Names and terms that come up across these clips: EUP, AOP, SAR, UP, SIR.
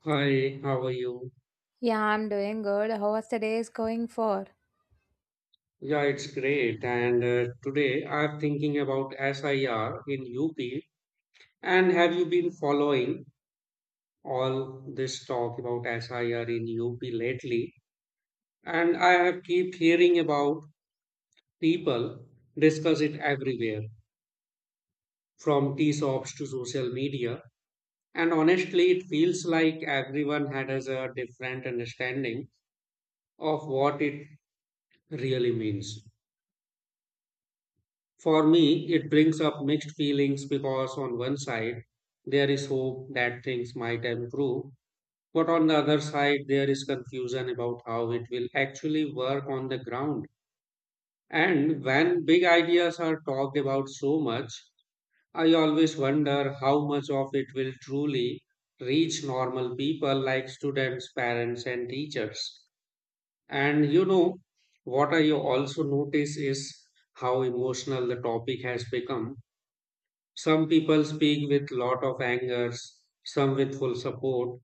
Hi, how are you? Yeah, I'm doing good. How was the day is going for? Yeah, it's great. And today I'm thinking about SIR in UP. And have you been following all this talk about SIR in UP lately? And I have keep hearing about people discuss it everywhere, from tea shops to social media. And honestly, it feels like everyone had has a different understanding of what it really means. For me, it brings up mixed feelings because on one side, there is hope that things might improve, but on the other side, there is confusion about how it will actually work on the ground. And when big ideas are talked about so much, I always wonder how much of it will truly reach normal people like students, parents, and teachers. And what I also notice is how emotional the topic has become. Some people speak with lot of angers, some with full support,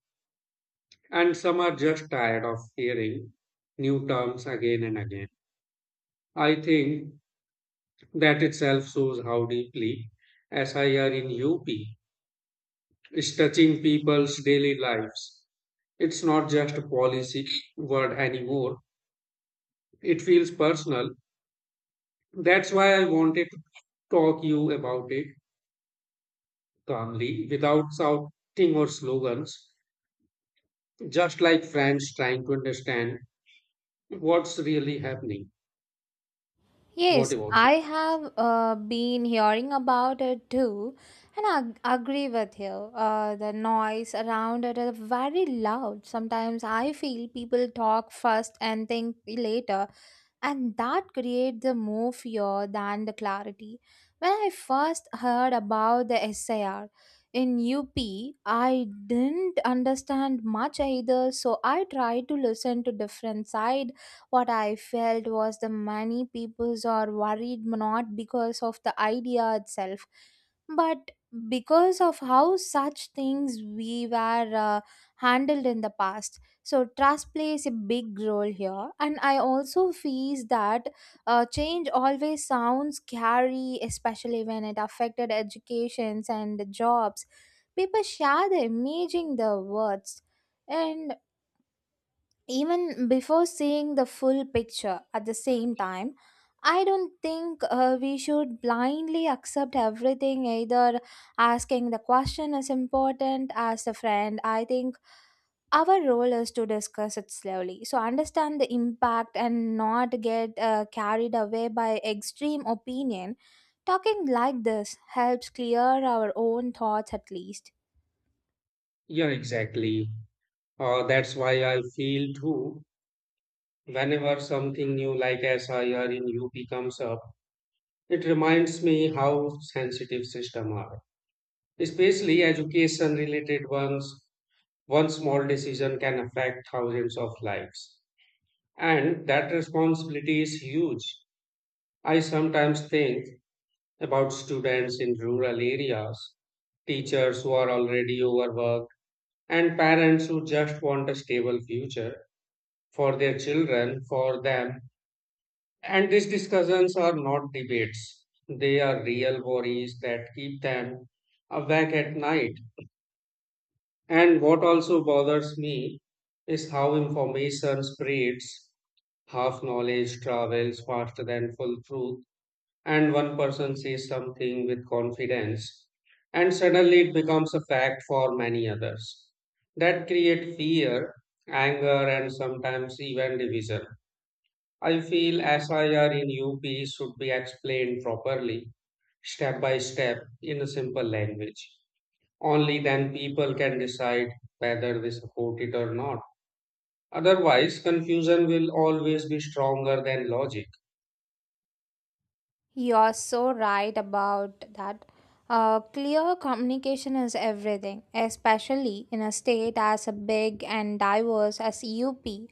and some are just tired of hearing new terms again and again. I think that itself shows how deeply SIR in UP is touching people's daily lives. It's not just a policy word anymore. It feels personal. That's why I wanted to talk you about it calmly, without shouting or slogans, just like friends trying to understand what's really happening. What Yes, about you? I have been hearing about it too, and agree with you. The noise around it is very loud. Sometimes I feel people talk first and think later, and that create the more fear than the clarity. When I first heard about the SIR in UP, I didn't understand much either, so I tried to listen to different side. What I felt was the many peoples are worried not because of the idea itself, but because of how such things we were handled in the past so trust plays a big role here, and I also feel that change always sounds scary, especially when it affected educations and the jobs. People share the imaging the words, and even before seeing the full picture at the same time I don't think we should blindly accept everything either asking the question is important as a friend I think our role is to discuss it slowly so understand the impact and not get carried away by extreme opinion talking like this helps clear our own thoughts at least. Yeah, exactly. That's why I feel too. Whenever something new like SIR in UP comes up, it reminds me how sensitive systems are, especially education related ones. One small decision can affect thousands of lives, and that responsibility is huge. I sometimes think about students in rural areas, teachers who are already overworked and parents who just want a stable future for their children, for them. And these discussions are not debates, they are real worries that keep them awake at night. And what also bothers me is how information spreads. Half knowledge travels faster than full truth, and one person says something with confidence and suddenly it becomes a fact for many others that create fear, anger, and sometimes even division. I feel SIR in UP should be explained properly, step by step, in a simple language. Only then people can decide whether they support it or not. Otherwise confusion will always be stronger than logic. You're so right about that. Clear communication is everything, especially in a state as big and diverse as UP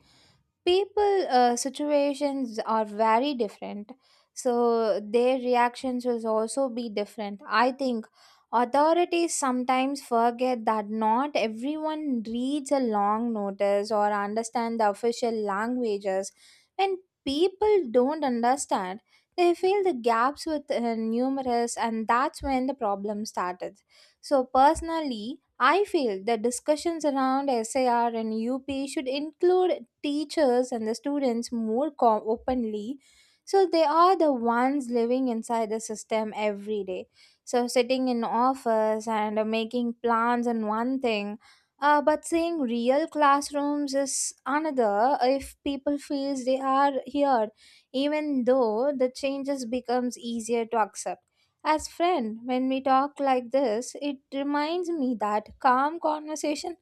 people situations are very different so their reactions will also be different I think authorities sometimes forget that not everyone reads a long notice or understand the official languages when people don't understand they fill the gaps with numerous and that's when the problem started so personally I feel that discussions around SAR and UP should include teachers and the students openly so they are the ones living inside the system every day. So sitting in office and making plans and one thing but seeing real classrooms is another if people feels they are here even though the changes becomes easier to accept as friend, when we talk like this, it reminds me that calm conversation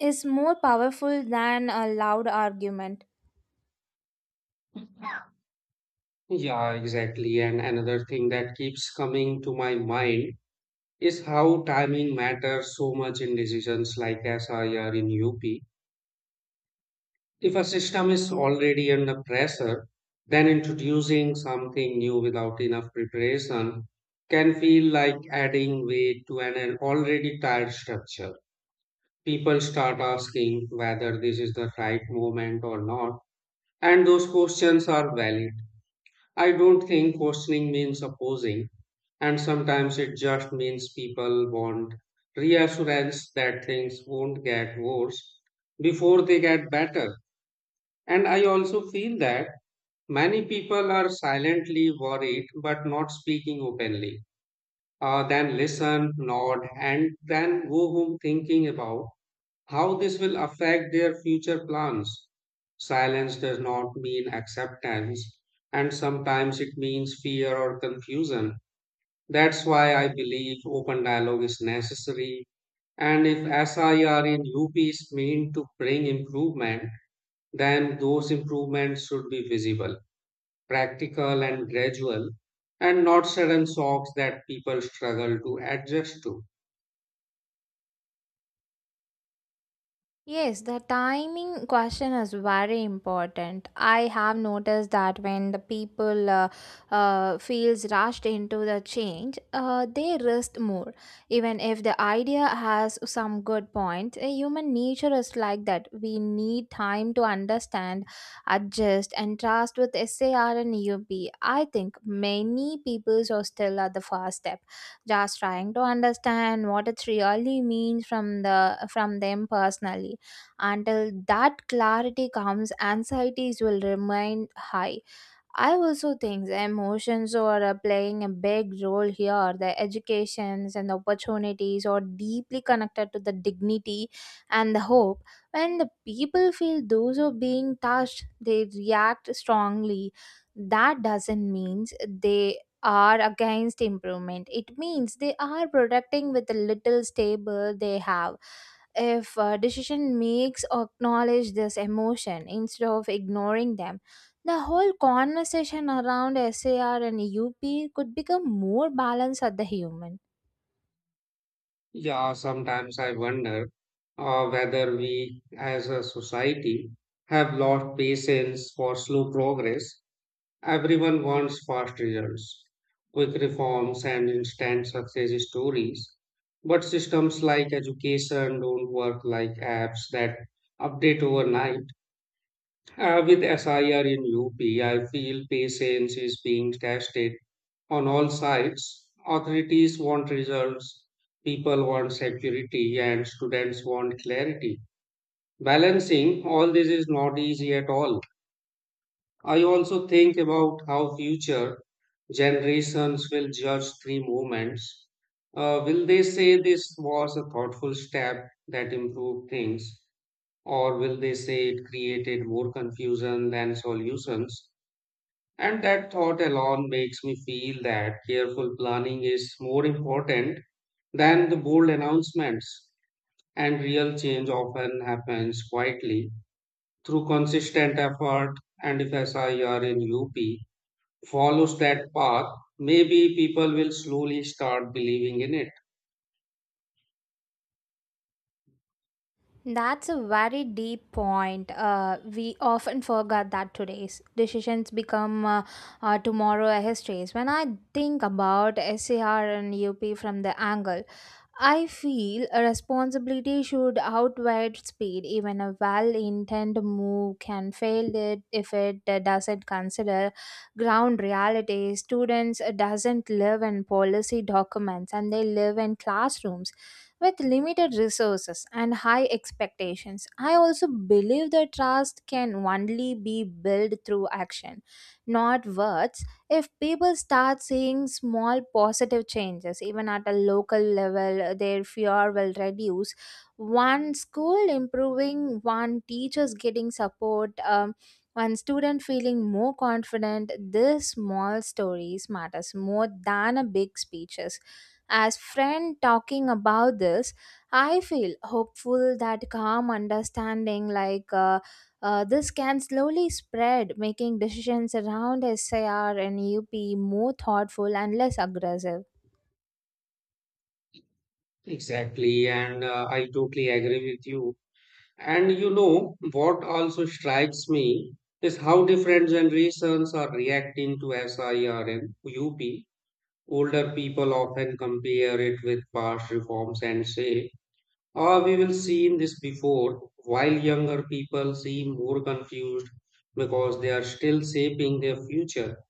is more powerful than a loud argument. Yeah, exactly. And another thing that keeps coming to my mind is how timing matters so much in decisions like SIR in UP. If a system is already under pressure, then introducing something new without enough preparation can feel like adding weight to an already tired structure. People start asking whether this is the right moment or not, and those questions are valid. I don't think questioning means opposing, and sometimes it just means people want reassurance that things won't get worse before they get better. And I also feel that many people are silently worried but not speaking openly. Then listen, nod, and then go home thinking about how this will affect their future plans. Silence does not mean acceptance, and sometimes it means fear or confusion. That's why I believe open dialogue is necessary. And if SIR in UP is meant to bring improvement, then those improvements should be visible, practical, and gradual, and not sudden shocks that people struggle to adjust to. Yes, the timing question is very important. I have noticed that when the people feels rushed into the change, they risk more. Even if the idea has some good point, human nature is like that. We need time to understand, adjust, and trust with SAR and UP. Think many people are still at the first step just trying to understand what it really means from them personally until that clarity comes, anxieties will remain high. I also think the emotions are playing a big role here. The educations and the opportunities are deeply connected to the dignity and the hope. When the people feel those are being touched, they react strongly. That doesn't mean they are against improvement. It means they are protecting with the little stable they have if a decision makes acknowledge this emotion instead of ignoring them the whole conversation around SAR and UP could become more balanced at the human. Yeah, sometimes I wonder whether we as a society have lost patience for slow progress. Everyone wants fast results, quick reforms, and instant success stories. But systems like education don't work like apps that update overnight. With SIR in UP, I feel patience is being tested on all sides. Authorities want results, people want security, and students want clarity. Balancing all this is not easy at all. I also think about how future generations will judge three movements. Will they say this was a thoughtful step that improved things? Or will they say it created more confusion than solutions? And that thought alone makes me feel that careful planning is more important than the bold announcements. And real change often happens quietly through consistent effort. And if SIR in UP follows that path, maybe people will slowly start believing in it. That's a very deep point. We often forget that today's decisions become tomorrow histories. When I think about SAR and UP from the angle, I feel a responsibility should outweigh speed. Even a well intended move can fail it if it doesn't consider ground reality. Students doesn't live in policy documents and they live in classrooms with limited resources and high expectations. I also believe that trust can only be built through action, not words if people start seeing small positive changes even at a local level their fear will reduce one school improving one teachers getting support one student feeling more confident these small stories matters more than a big speeches as friend talking about this I feel hopeful that calm understanding like this can slowly spread, making decisions around SIR and UP more thoughtful and less aggressive. Exactly. And I totally agree with you. And what also strikes me is how different generations are reacting to SIR and UP. Older people often compare it with past reforms and say, oh, we will seen this before, while younger people seem more confused because they are still shaping their future.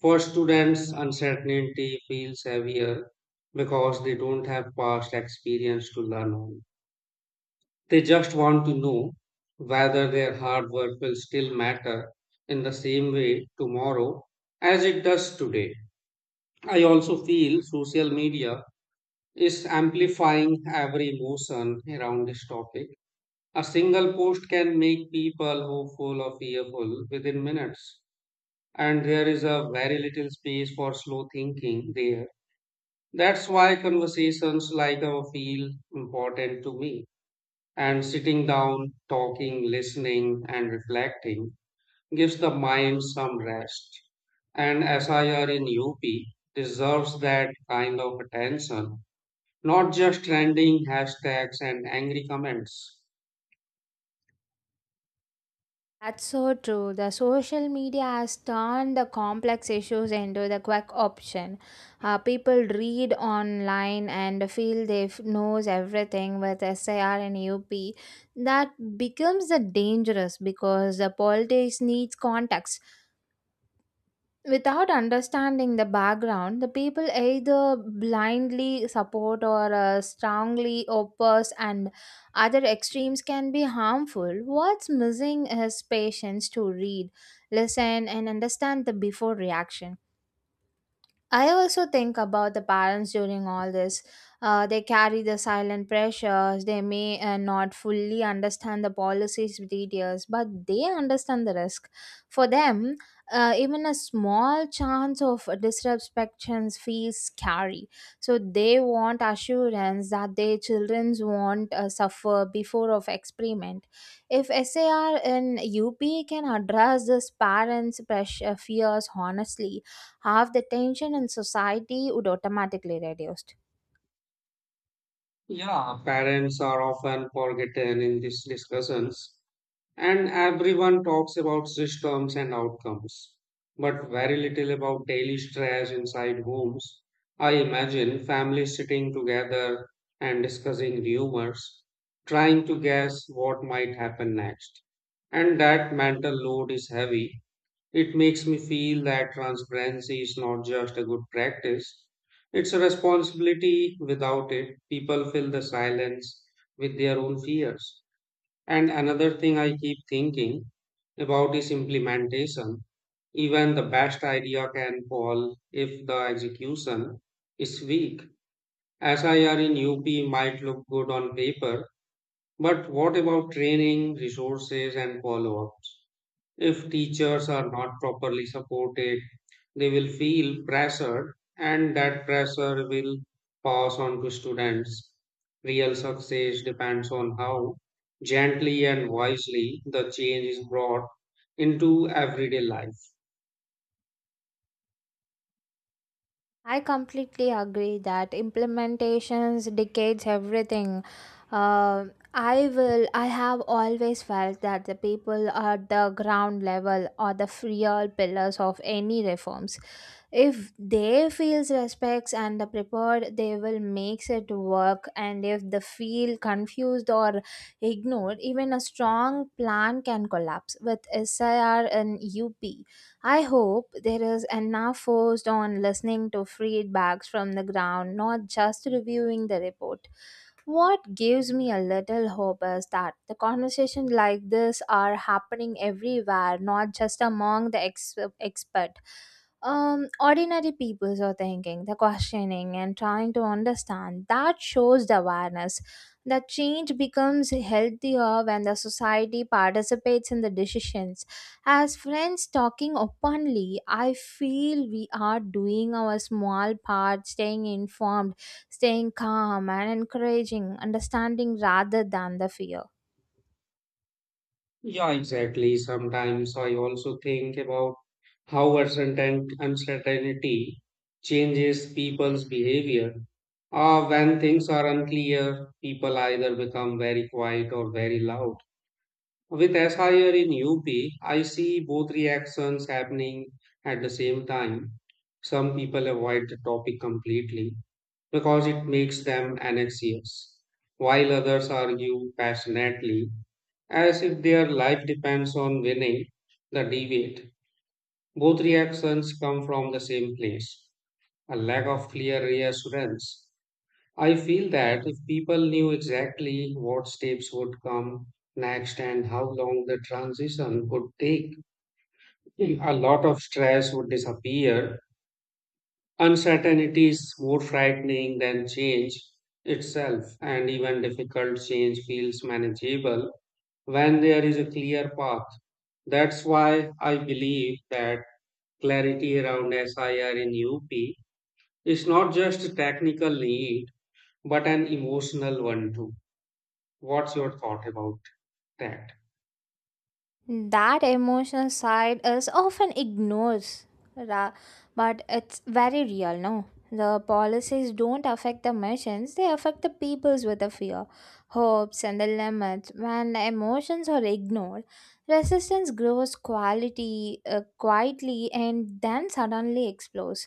For students, uncertainty feels heavier because they don't have past experience to learn on. They just want to know whether their hard work will still matter in the same way tomorrow as it does today. I also feel social media is amplifying every emotion around this topic. A single post can make people hopeful or fearful within minutes, and there is a very little space for slow thinking there. That's why conversations like our feel important to me. And sitting down, talking, listening, and reflecting gives the mind some rest. And SIR in UP deserves that kind of attention, not just trending hashtags and angry comments. That's so true. The social media has turned the complex issues into the quick option. People read online and feel knows everything with SIR and UP. That becomes the dangerous because the politics needs context. Without understanding the background, the people either blindly support or strongly oppose, and other extremes can be harmful. What's missing is patience to read, listen, and understand the before reaction. I also think about the parents during all this. They carry the silent pressures. They may not fully understand the policies details, but they understand the risk. For them, even a small chance of disruptions feels scary. So they want assurance that their children won't suffer before of experiment. If SAR in UP can address this parents' pressure fears honestly, half the tension in society would automatically reduced. Yeah, parents are often forgotten in these discussions. And everyone talks about systems and outcomes, but very little about daily stress inside homes. I imagine families sitting together and discussing rumors, trying to guess what might happen next. And that mental load is heavy. It makes me feel that transparency is not just a good practice, it's a responsibility. Without it, people fill the silence with their own fears. And another thing I keep thinking about is implementation. Even the best idea can fall if the execution is weak. SIR in UP might look good on paper, but what about training, resources, and follow ups? If teachers are not properly supported, they will feel pressured and that pressure will pass on to students. Real success depends on how gently and wisely the change is brought into everyday life. I completely agree that implementations decades everything. Uh, I will. I have always felt that the people at the ground level are the real pillars of any reforms. If they feels respects and the prepared, they will makes it work. And if they feel confused or ignored, even a strong plan can collapse. With SIR and UP, I hope there is enough forced on listening to feedbacks from the ground, not just reviewing the report. What gives me a little hope is that the conversations like this are happening everywhere, not just among expert. Ordinary people are thinking, the questioning, and trying to understand. That shows the awareness. That change becomes healthier when the society participates in the decisions. As friends talking openly, I feel we are doing our small part, staying informed staying calm and encouraging understanding rather than the fear. Yeah, exactly. Sometimes I also think about how uncertainty changes people's behavior. When things are unclear, people either become very quiet or very loud. With SIR in UP, I see both reactions happening at the same time. Some people avoid the topic completely because it makes them anxious, while others argue passionately as if their life depends on winning the debate. Both reactions come from the same place, a lack of clear reassurance. I feel that if people knew exactly what steps would come next and how long the transition would take, a lot of stress would disappear. Uncertainty is more frightening than change itself, and even difficult change feels manageable when there is a clear path. That's why I believe that clarity around SIR in UP is not just a technical need, but an emotional one too. What's your thought about that? That emotional side is often ignored, ra- but it's very real, no? The policies don't affect the machines, they affect the peoples with the fear, hopes, and the limits. When the emotions are ignored, resistance grows quality, quietly and then suddenly explodes.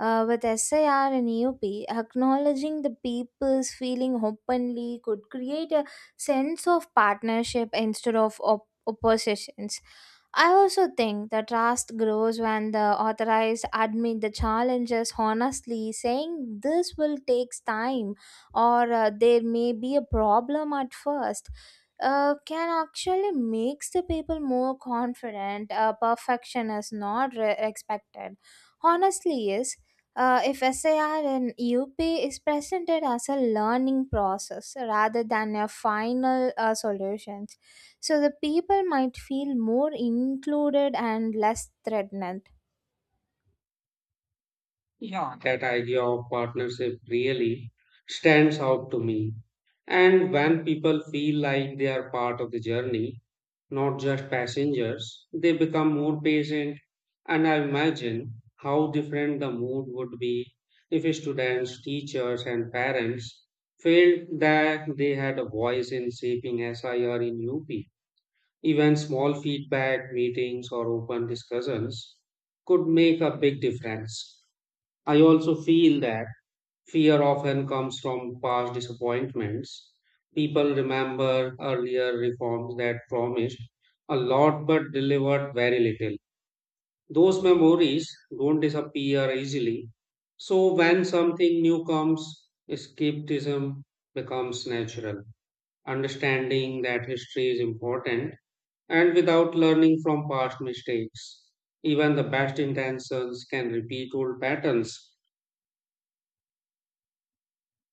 With SIR and EUP, acknowledging the people's feeling openly could create a sense of partnership instead of oppositions. I also think the trust grows when the authorized admit the challenges honestly, saying this will take time or there may be a problem at first. Can actually makes the people more confident. Perfection is not expected. Honestly, is if SAR and UP is presented as a learning process rather than a final solution so the people might feel more included and less threatened. Yeah, that idea of partnership really stands out to me. And when people feel like they are part of the journey, not just passengers, they become more patient. And I imagine how different the mood would be if students, teachers, and parents felt that they had a voice in shaping SIR in UP. Even small feedback, meetings, or open discussions could make a big difference. I also feel that fear often comes from past disappointments. People remember earlier reforms that promised a lot but delivered very little. Those memories don't disappear easily. So when something new comes, escapism becomes natural. Understanding that history is important, and without learning from past mistakes, even the best intentions can repeat old patterns.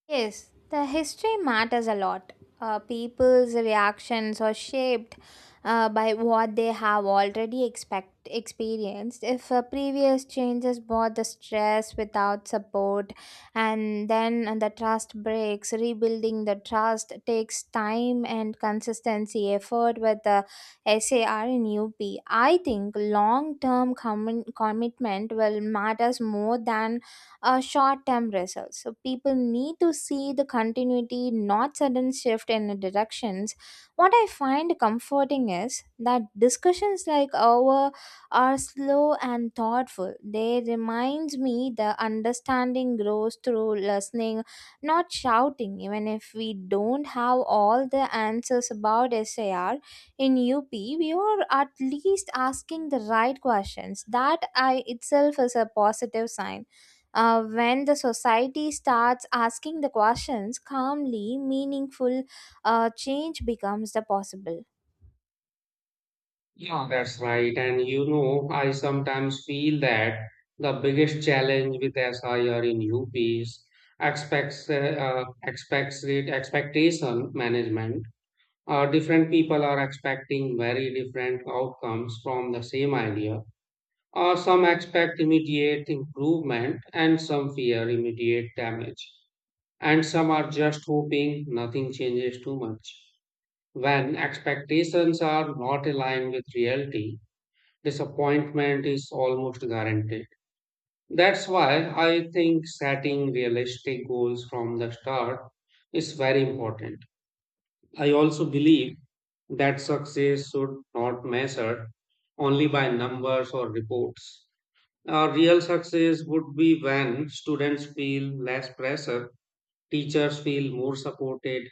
Yes, the history matters a lot. People's reactions are shaped by what they have already expect experienced. If previous changes brought the stress without support, and then the trust breaks, rebuilding the trust takes time and consistency effort with the SAR and UP. Think long term commitment will matters more than short term results. So people need to see the continuity, not sudden shift in the directions. What I find comforting is that discussions like our are slow and thoughtful. They reminds me the understanding grows through listening, not shouting. Even if we don't have all the answers about SIR in UP, we are at least asking the right questions. That I itself is a positive sign when the society starts asking the questions calmly meaningful change becomes the possible Yeah, that's right. And I sometimes feel that the biggest challenge with SIR in UP is expectation management. Different people are expecting very different outcomes from the same idea. Some expect immediate improvement and some fear immediate damage. And some are just hoping nothing changes too much. When expectations are not aligned with reality, disappointment is almost guaranteed. That's why I think setting realistic goals from the start is very important. I also believe that success should not measure only by numbers or reports. A real success would be when students feel less pressure, teachers feel more supported,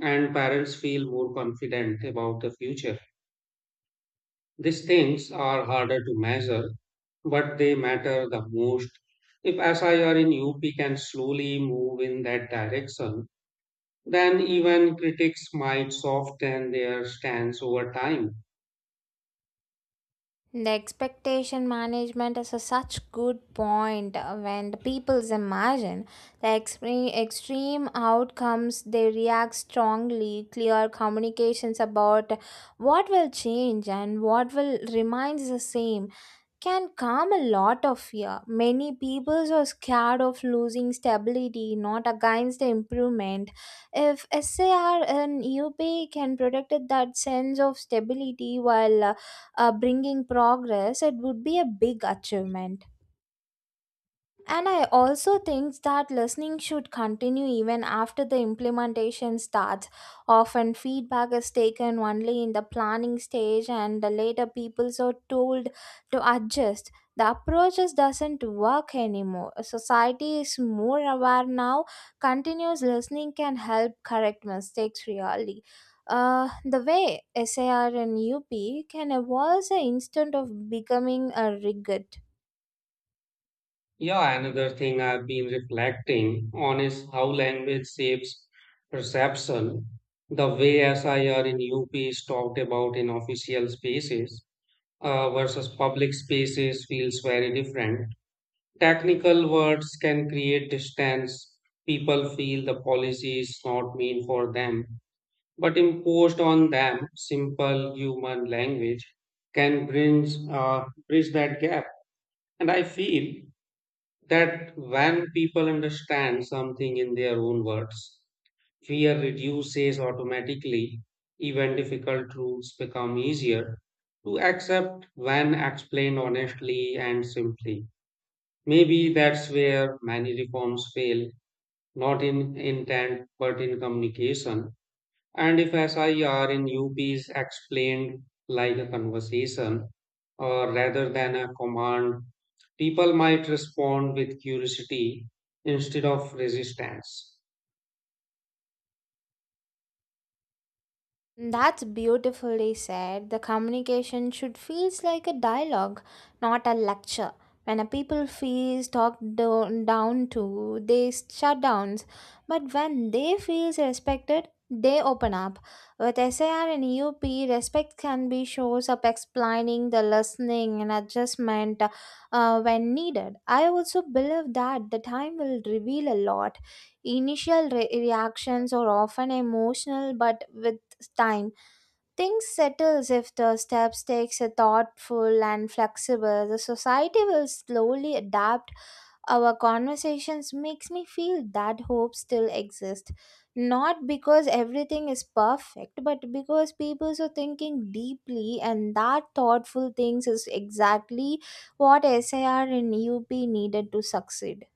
and parents feel more confident about the future. These things are harder to measure, but they matter the most. If SIR in UP can slowly move in that direction, then even critics might soften their stance over time. the expectation management is a such good point when the peoples imagine the extreme outcomes they react strongly clear communications about what will change and what will remains the same can calm a lot of fear. Many people are scared of losing stability, not against the improvement. If SAR and UP can protect that sense of stability while bringing progress, it would be a big achievement. And I also think that listening should continue even after the implementation starts. Often, feedback is taken only in the planning stage, and the later people are told to adjust. The approaches doesn't work anymore. Society is more aware now. Continuous listening can help correct mistakes really. The way SAR and UP can evolve the instant of becoming a rigid. Yeah, another thing I've been reflecting on is how language shapes perception. The way SIR in UP is talked about in official spaces versus public spaces feels very different. Technical words can create distance. People feel the policy is not meant for them, but imposed on them. Simple human language can bridge that gap. And I feel that when people understand something in their own words, fear reduces automatically, even difficult truths become easier to accept when explained honestly and simply. Maybe that's where many reforms fail, not in intent but in communication. And if SIR in UP is explained like a conversation or rather than a command, people might respond with curiosity instead of resistance. That's beautifully said. The communication should feels like a dialogue, not a lecture. When a people feels down to, they shut down. But when they feels respected, they open up. With SAR and EUP, respect can be shows up explaining the listening and adjustment when needed. I also believe that the time will reveal a lot. Initial reactions are often emotional, but with time. Things settles if the steps takes a thoughtful and flexible. The society will slowly adapt. Our conversations makes me feel that hope still exists. Not because everything is perfect, but because people are thinking deeply and that thoughtful things is exactly what SIR and UP needed to succeed.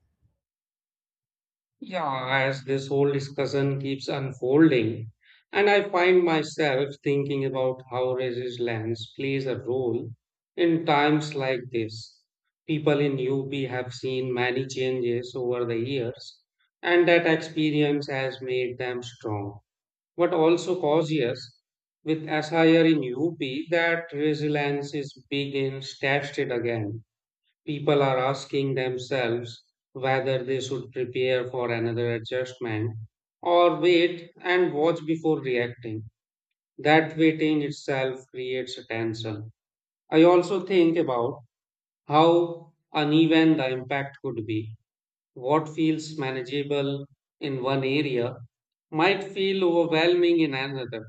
Yeah, as this whole discussion keeps unfolding, and I find myself thinking about how resilience plays a role in times like this. People in UP have seen many changes over the years, and that experience has made them strong, but also cautious. With SIR in UP, that resilience is being tested again. People are asking themselves whether they should prepare for another adjustment or wait and watch before reacting. That waiting itself creates a tension. I also think about how uneven the impact could be. What feels manageable in one area might feel overwhelming in another.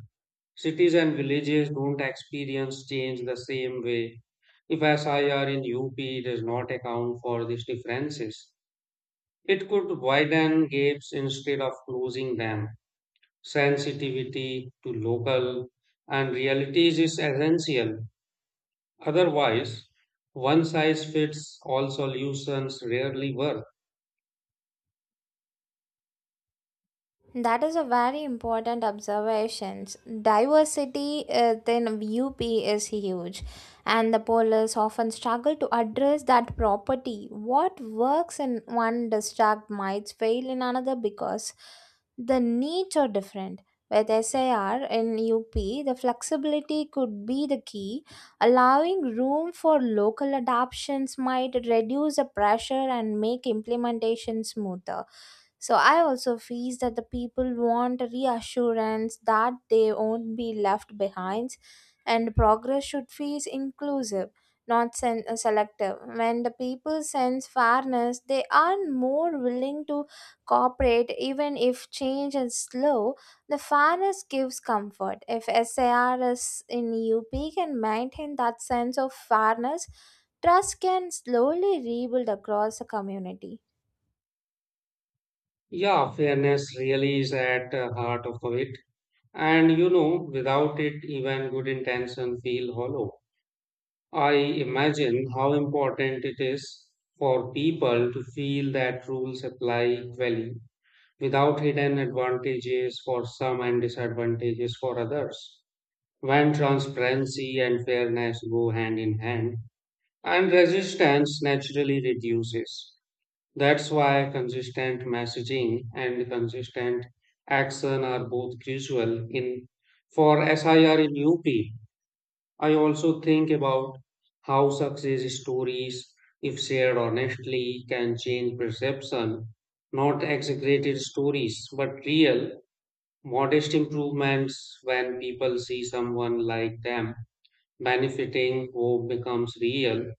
Cities and villages don't experience change the same way. If SIR in UP does not account for these differences, it could widen gaps instead of closing them. Sensitivity to local and realities is essential. Otherwise, one size fits all solutions rarely work. That is a very important observation. Diversity within UP is huge, and the police often struggle to address that property. What works in one district might fail in another because the needs are different. With SIR in UP, the flexibility could be the key. Allowing room for local adaptations might reduce the pressure and make implementation smoother. So I also feel that the people want reassurance that they won't be left behind, and progress should feel inclusive, not sen- selective. When the people sense fairness, they are more willing to cooperate, even if change is slow. The fairness gives comfort. If SAR is in UP can maintain that sense of fairness, trust can slowly rebuild across the community. Yeah, fairness really is at the heart of it. And without it, even good intention feel hollow. I imagine how important it is for people to feel that rules apply equally without hidden advantages for some and disadvantages for others. When transparency and fairness go hand in hand, and resistance naturally reduces. That's why consistent messaging and consistent action are both crucial in for SIR in UP. I also think about how success stories, if shared honestly, can change perception. Not exaggerated stories, but real, modest improvements when people see someone like them benefiting, hope becomes real.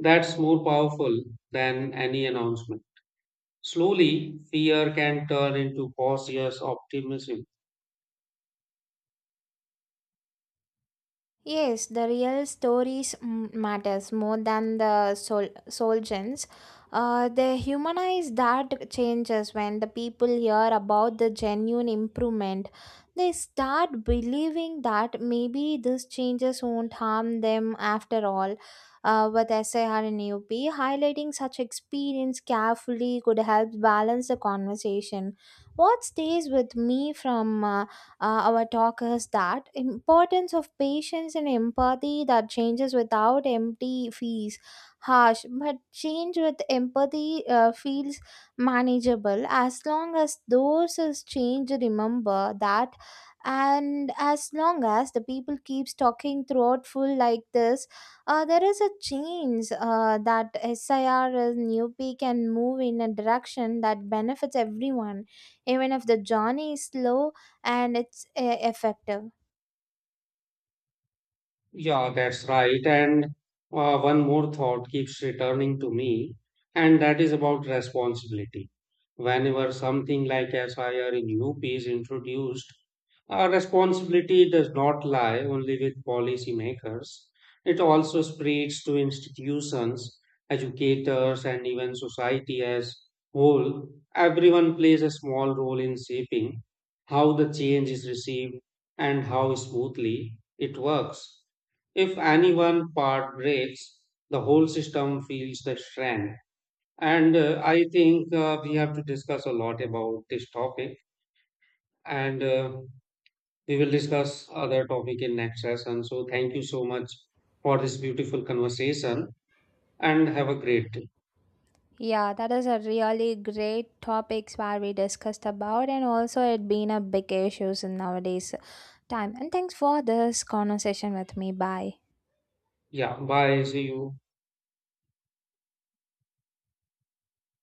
That's more powerful than any announcement. Slowly, fear can turn into cautious optimism. Yes, the real stories matters more than soldiers. They humanize that changes when the people hear about the genuine improvement. They start believing that maybe these changes won't harm them after all. With SIR and AOP, highlighting such experience carefully could help balance the conversation. What stays with me from our talk is that importance of patience and empathy that changes without empty fees harsh but change with empathy feels manageable as long as those is change remember that and as long as the people keeps talking throughout full like this there is a change that sir is new peak and up can move in a direction that benefits everyone even if the journey is slow and it's effective. Yeah, that's right. And one more thought keeps returning to me, and that is about responsibility. Whenever something like SIR in UP is introduced, responsibility does not lie only with policymakers. It also spreads to institutions, educators, and even society as whole. Everyone plays a small role in shaping how the change is received and how smoothly it works. If any one part breaks, the whole system feels the strain. And I think we have to discuss a lot about this topic, and we will discuss other topic in next session. So thank you so much for this beautiful conversation, and have a great day. Yeah, that is a really great topics where we discussed about and also it been a big issues in nowadays time. And thanks for this conversation with me. Bye. Yeah, bye. See you.